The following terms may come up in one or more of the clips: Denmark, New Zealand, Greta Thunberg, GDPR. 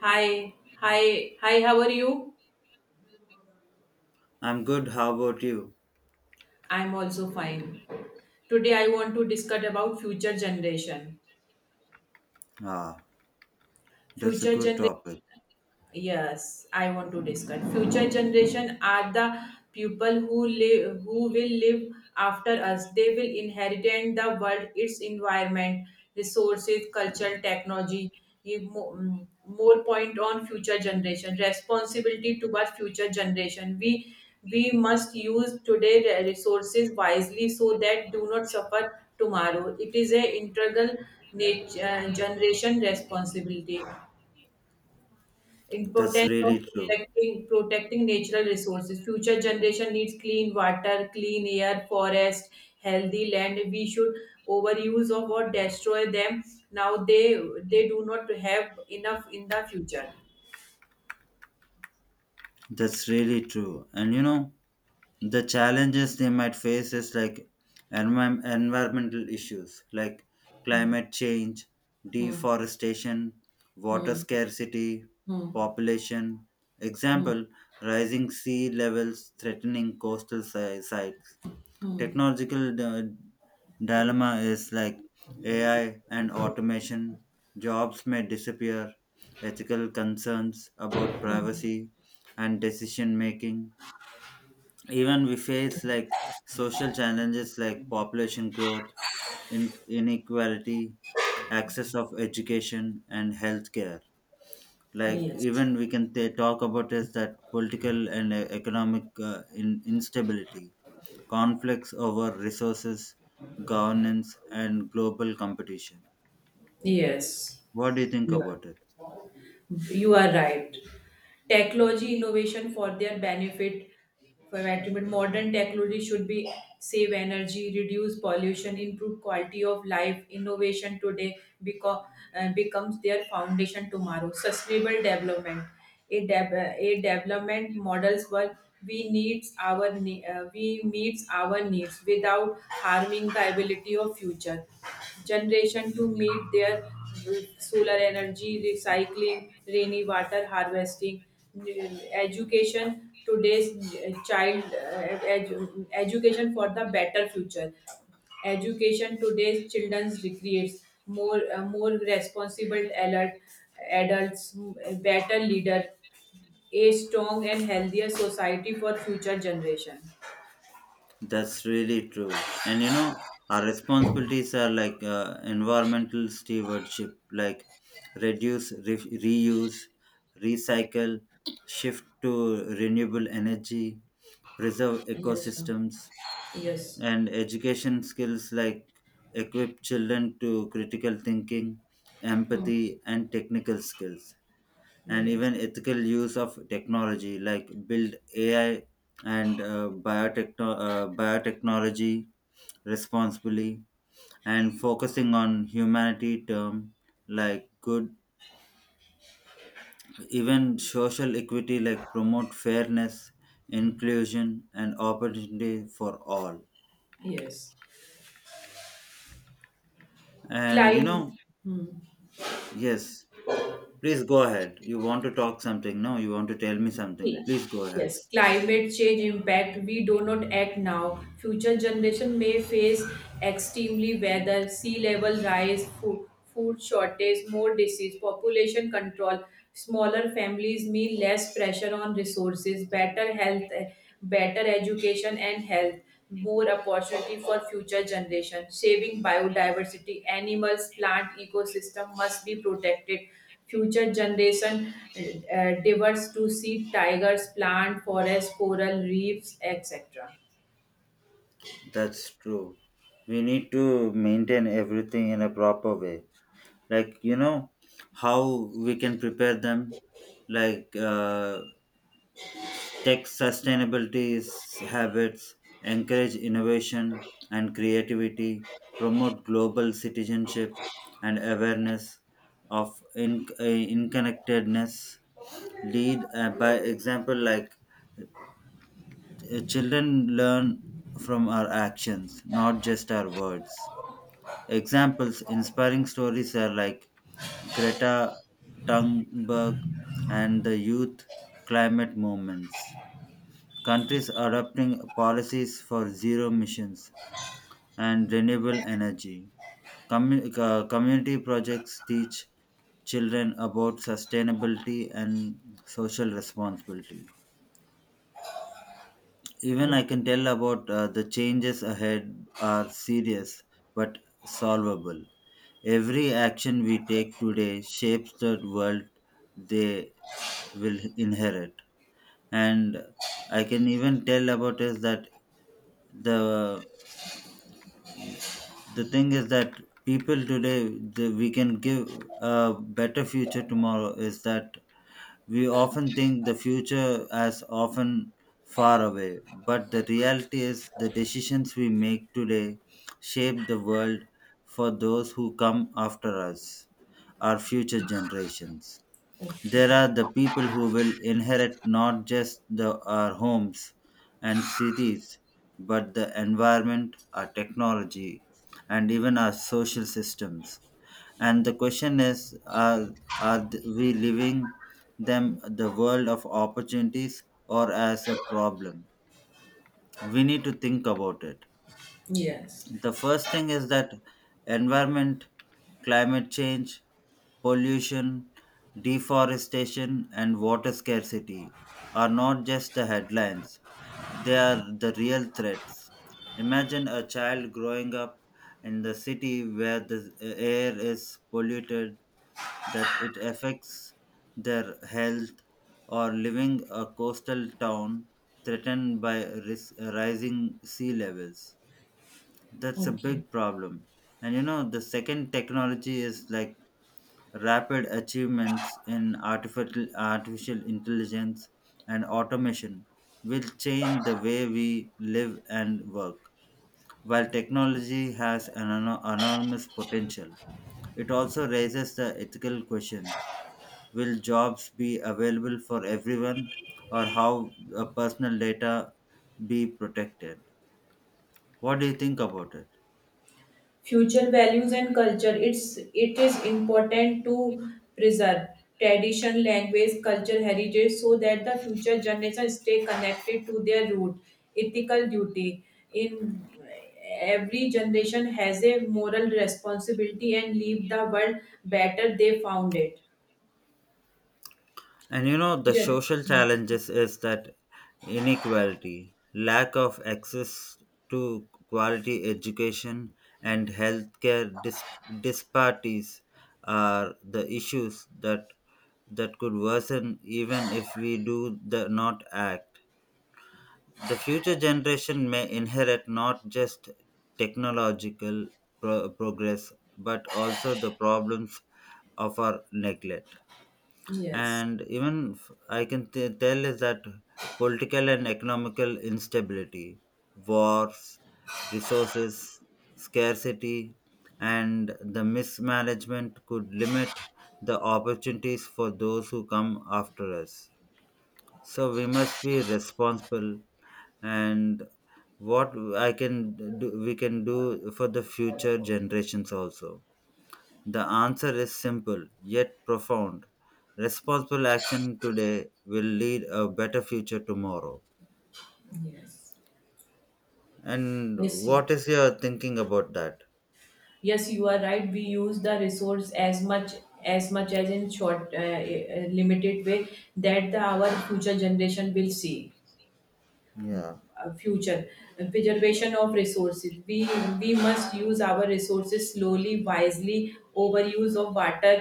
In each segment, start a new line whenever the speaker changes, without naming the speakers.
Hi, hi, how are you?
I'm good. How about you?
I'm also fine. Today I want to discuss about future generation.
Ah,
Future
that's a good
generation.
topic.
Yes, I want to discuss. Future generation are the people who live who will live after us. They will inherit the world, its environment, resources, culture, technology. More point on future generation responsibility towards future generation. We must use today resources wisely so that do not suffer tomorrow. It is a integral nature, generation responsibility.
That's
Importance of
really true.
protecting natural resources. Future generation needs clean water, clean air, forest, healthy land. We should overuse of or destroy them. Now they do not have enough in the future.
That's really true. And you know, the challenges they might face is like environmental issues like
Hmm,
climate change,
hmm,
deforestation, water
hmm,
scarcity,
hmm,
population.
hmm.
Example, rising sea levels threatening coastal sites, technological dilemma is like AI and automation, jobs may disappear, ethical concerns about privacy and decision making. Even we face like social challenges like population growth, inequality, access of education and healthcare. Like
Yes.
even we can talk about is that political and economic instability, conflicts over resources, governance, and global competition.
Yes.
What do you think
You are.
about it?
You are right. Technology innovation for their benefit for betterment. Modern technology should be save energy, reduce pollution, improve quality of life. Innovation today beco- uh, becomes their foundation tomorrow. Sustainable development a development models where we meets our needs without harming the ability of future generation to meet their solar energy recycling rainy water harvesting uh, education today's child education for the better future, education today's children's recreates more responsible alert adults m- better leader, a strong and healthier society for future generation.
That's really true. And you know, our responsibilities are like environmental stewardship, like reduce, reuse, recycle, shift to renewable energy, preserve
Yes, sir.
ecosystems,
Yes.
and education skills like equip children to critical thinking,
Hmm.
empathy, and technical skills, and
Yes.
even ethical use of technology like build AI and biotechnology responsibly and focusing on humanity term like good, even social equity like promote fairness, inclusion and opportunity for all,
Yes.
and you
Climate.
know,
Hmm.
yes, please go ahead, you want to talk something, no, you want to tell me something,
Cl-
please go ahead.
Yes, climate change impact. We do not act now. Future generation may face extremely weather, sea level rise, food shortage, more disease, population control. Smaller families mean less pressure on resources, better health, better education and health, more opportunity for future generation. Saving biodiversity, animals, plant ecosystem must be protected. Future generation diverse to see tigers, plant, forest, coral reefs, etc.
That's true. We need to maintain everything in a proper way. Like, you know, how we can prepare them, like tech sustainability is habits, encourage innovation and creativity, promote global citizenship and awareness of inconnectedness, lead by example, like children learn from our actions, not just our words. Examples, inspiring stories are like Greta Thunberg and the youth climate movements. Countries adopting policies for zero emissions and renewable energy. Community projects teach children about sustainability and social responsibility. Even I
Okay.
can tell about the changes ahead are serious but solvable. Every action we take today shapes the world they will inherit. And I can even tell about is that the the thing is that people today we can give a better future tomorrow is that we often think the future as often far away, but the reality is the decisions we make today shape the world for those who come after us, our future generations. There are the people who will inherit not just our homes and cities, but the environment, our technology, and even our social systems. And the question is, are we leaving them the world of opportunities or as a problem? We need to think about it.
Yes.
The first thing is that environment, climate change, pollution, deforestation, and water scarcity are not just the headlines, they are the real threats. Imagine a child growing up in the city where the air is polluted that it affects their health, or living a coastal town threatened by rising sea levels. That's a
Okay.
big problem. And you know, the second, technology is like rapid achievements in artificial intelligence and automation will change the way we live and work. While technology has an enormous potential, it also raises the ethical questions. Will jobs be available for everyone, or how personal data be protected? What do you think about it?
Future values and culture, it's it is important to preserve tradition, language, culture, heritage, so that the future generations stay connected to their root. Ethical duty, in every generation has a moral responsibility and leave the world better they found it.
And you know, the
Gen-
social challenges is that inequality, lack of access to quality education and healthcare disparities are the issues that could worsen even if we do the not act. The future generation may inherit not just technological progress but also the problems of our neglect.
yes.
And even I can tell is that political and economical instability, wars, resources, scarcity, and the mismanagement could limit the opportunities for those who come after us, so we must be responsible. And what I can do, we can do for the future generations, also the answer is simple yet profound. Responsible action today will lead a better future tomorrow.
Yes.
And
Yes.
what is your thinking about that?
Yes, you are right. We use the resource as much, as much as in short limited way, that the, our future generation will see.
Yeah,
Future Preservation of resources, we must use our resources slowly, wisely. Overuse of water,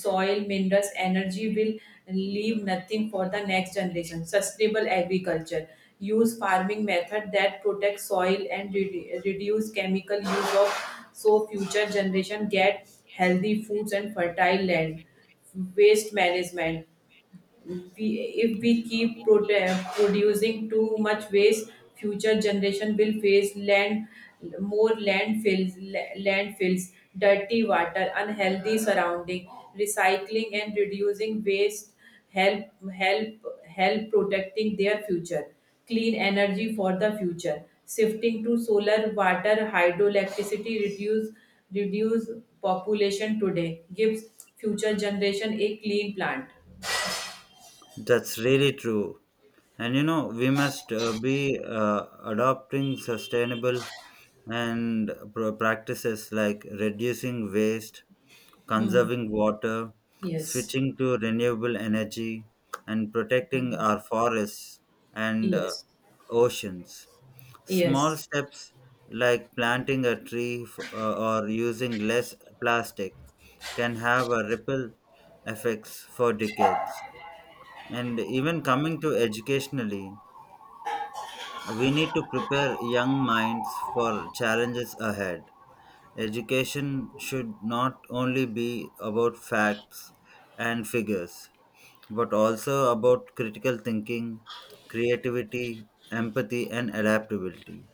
soil, minerals, energy will leave nothing for the next generation. Sustainable agriculture, use farming method that protect soil and reduce chemical use of, so future generation get healthy foods and fertile land. Waste management, we, if we keep producing too much waste, future generation will face land, more landfills, landfills, dirty water, unhealthy surrounding. Recycling and reducing waste help help help protecting their future. Clean energy for the future, shifting to solar, water, hydroelectricity, reduce population today gives future generation a clean plant.
that's really true. And you know, we must be adopting sustainable and practices like reducing waste,
Hmm.
conserving water,
Yes,
switching to renewable energy, and protecting our forests and
yes,
oceans. Small
yes.
steps like planting a tree or using less plastic can have a ripple effects for decades. And even coming to educationally, we need to prepare young minds for challenges ahead. Education should not only be about facts and figures, but also about critical thinking, creativity, empathy, and adaptability.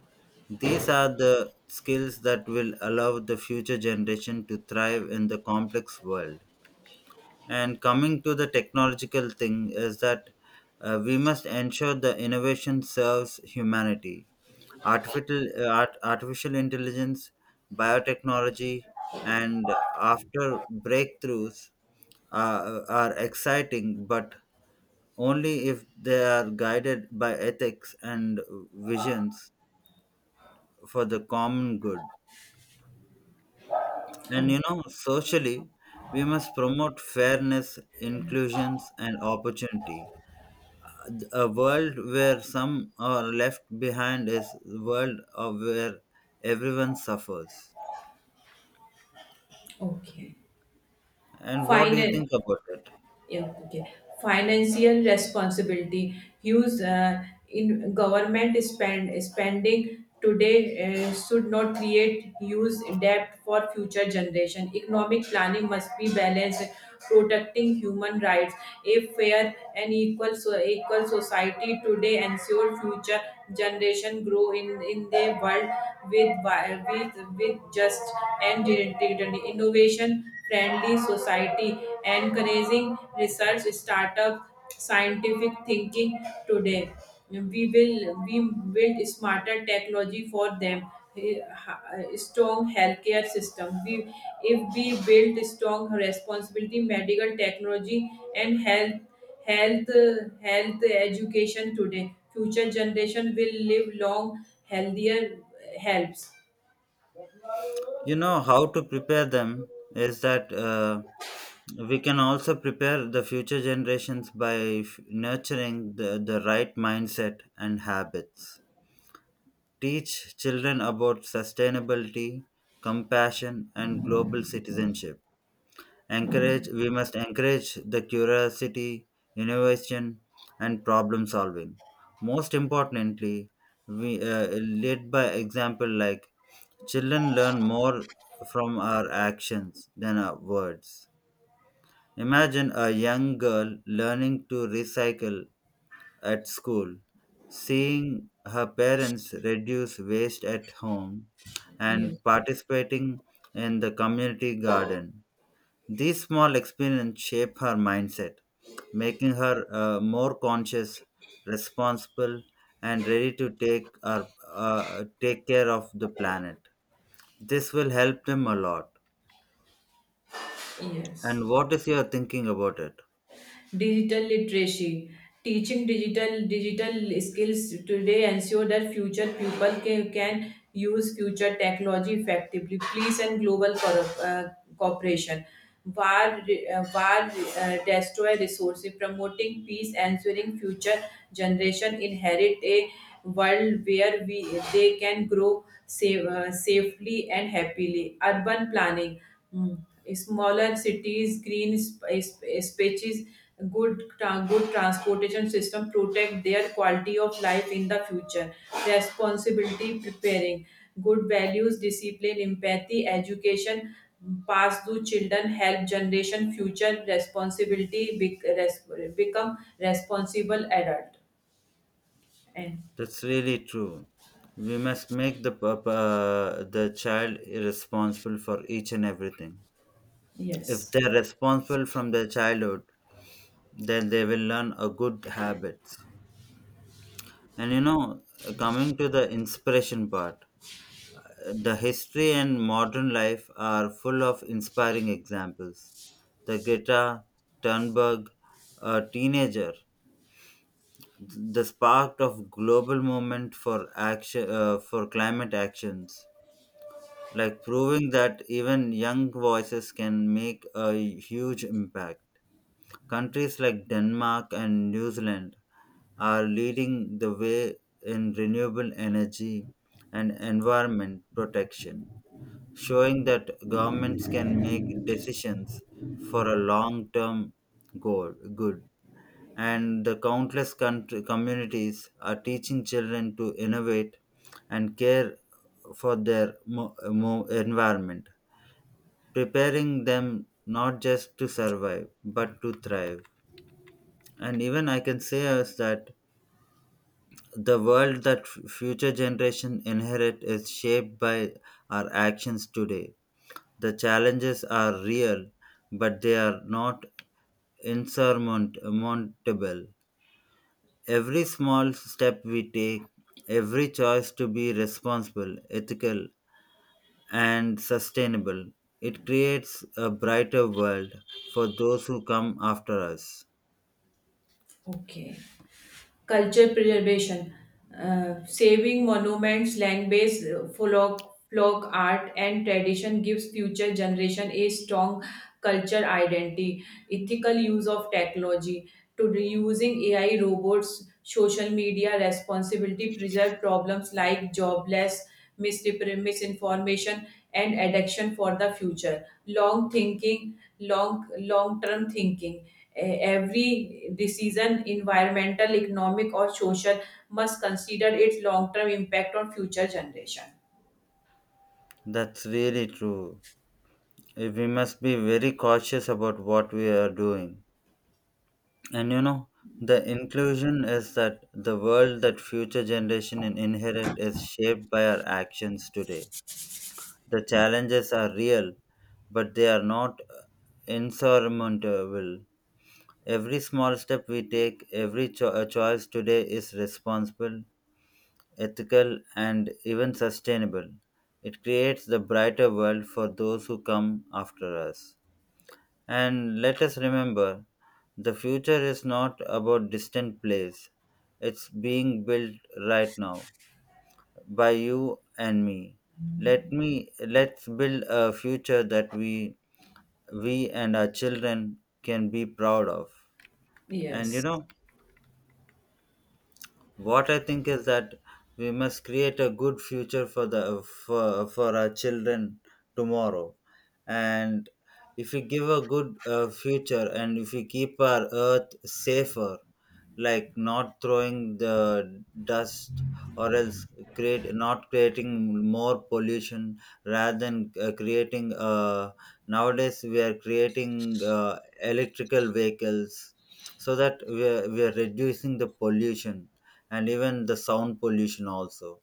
These are the skills that will allow the future generation to thrive in the complex world. And coming to the technological thing is that we must ensure the innovation serves humanity. Artificial intelligence, biotechnology, and after breakthroughs are exciting, but only if they are guided by ethics and visions for the common good.
Oh,
And you know, socially, we must promote fairness, inclusions, and opportunity. A world where some are left behind is a world of where everyone suffers.
okay.
And what do you
Final.
think about it?
Yeah, okay. Financial responsibility. Use In government spending today should not create use debt for future generation. Economic planning must be balanced, protecting human rights. A fair and equal society today ensure future generation grow in the world with wi- with just and dignity. Innovation friendly society, encouraging research, startup, scientific thinking today. We will we build smarter technology for them. Strong healthcare system. We, if we build strong responsibility, medical technology and health education today, future generation will live long, healthier, helps.
You know how to prepare them is that we can also prepare the future generations by nurturing the right mindset and habits, teach children about sustainability, compassion and global citizenship. We must encourage the curiosity, innovation, and problem solving. Most importantly, we lead by example, like children learn more from our actions than our words. Imagine a young girl learning to recycle at school, seeing her parents reduce waste at home,
Yes.
and participating in the community garden. These small experiences shape her mindset, making her more conscious, responsible, and ready to take care of the planet. This will help them a lot. And
Yes.
what is your thinking about it?
Digital literacy. Teaching digital skills today ensure that future people can use future technology effectively. Please and cooperation. War destroy resources, promoting peace, ensuring future generation inherit a world where we they can grow safely and happily. Urban planning. Hmm, smaller cities, green sp- eh, spaces, good transportation system protect their quality of life in the future. Responsibility preparing, good values, discipline, empathy, education pass through children help generation future responsibility become responsible adult and.
That's really true. We must make the the child responsible for each and everything. If
Yes.
they're responsible from their childhood, then they will learn a good habits. And you know, coming to the inspiration part, the history and modern life are full of inspiring examples. The Greta Thunberg, a teenager, the spark of global movement for action for climate actions, like proving that even young voices can make a huge impact. Countries like Denmark and New Zealand are leading the way in renewable energy and environment protection, showing that governments can make decisions for a long term goal good. And the countless country, communities are teaching children to innovate and care for their environment, preparing them not just to survive but to thrive. And even I can say is that the world that future generation inherit is shaped by our actions today. The challenges are real but they are not insurmountable. Every small step we take, every choice to be responsible, ethical, and sustainable, it creates a brighter world for those who come after us.
Okay. Culture preservation, saving monuments, land-based folk art and tradition gives future generation a strong culture identity. Ethical use of technology, to reusing AI robots, social media responsibility preserve problems like jobless, misinformation and addiction for the future. Long thinking, long term thinking. Every decision, environmental, economic or social, must consider its long term impact on future generation.
That's really true. We must be very cautious about what we are doing. And you know, the inclusion is that the world that future generation inherit is shaped by our actions today. The challenges are real but they are not insurmountable. Every small step we take, every choice today is responsible, ethical, and even sustainable. It creates the brighter world for those who come after us. And let us remember, the future is not about distant place, it's being built right now by you and me. Let's build a future that we and our children can be proud of. And you
Yes.
know, what I think is that we must create a good future for for our children tomorrow. And if we give a good future and if we keep our earth safer, like not throwing the dust, or else create not creating more pollution, rather than creating nowadays we are creating electrical vehicles, so that we are reducing the pollution and even the sound pollution also.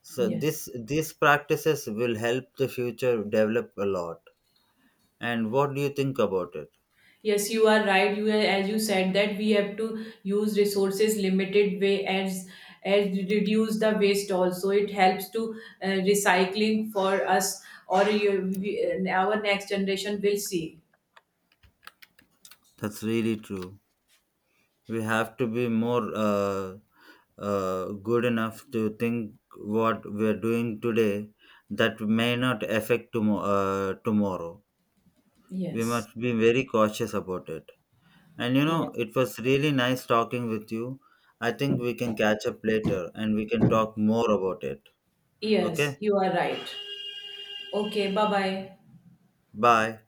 So
Yes.
this these practices will help the future develop a lot. And what do you think about it?
Yes, you are right. You, as you said that we have to use resources limited way, as reduce the waste also, it helps to recycling for us, or you, we, our next generation will see.
That's really true. We have to be more good enough to think what we're doing today that may not affect tomorrow. We
Yes.
must be very cautious about it. And you know,
Yes.
it was really nice talking with you. I think we can catch up later and we can talk more about it.
Yes,
Okay.
you are right. Okay, bye bye.
Bye.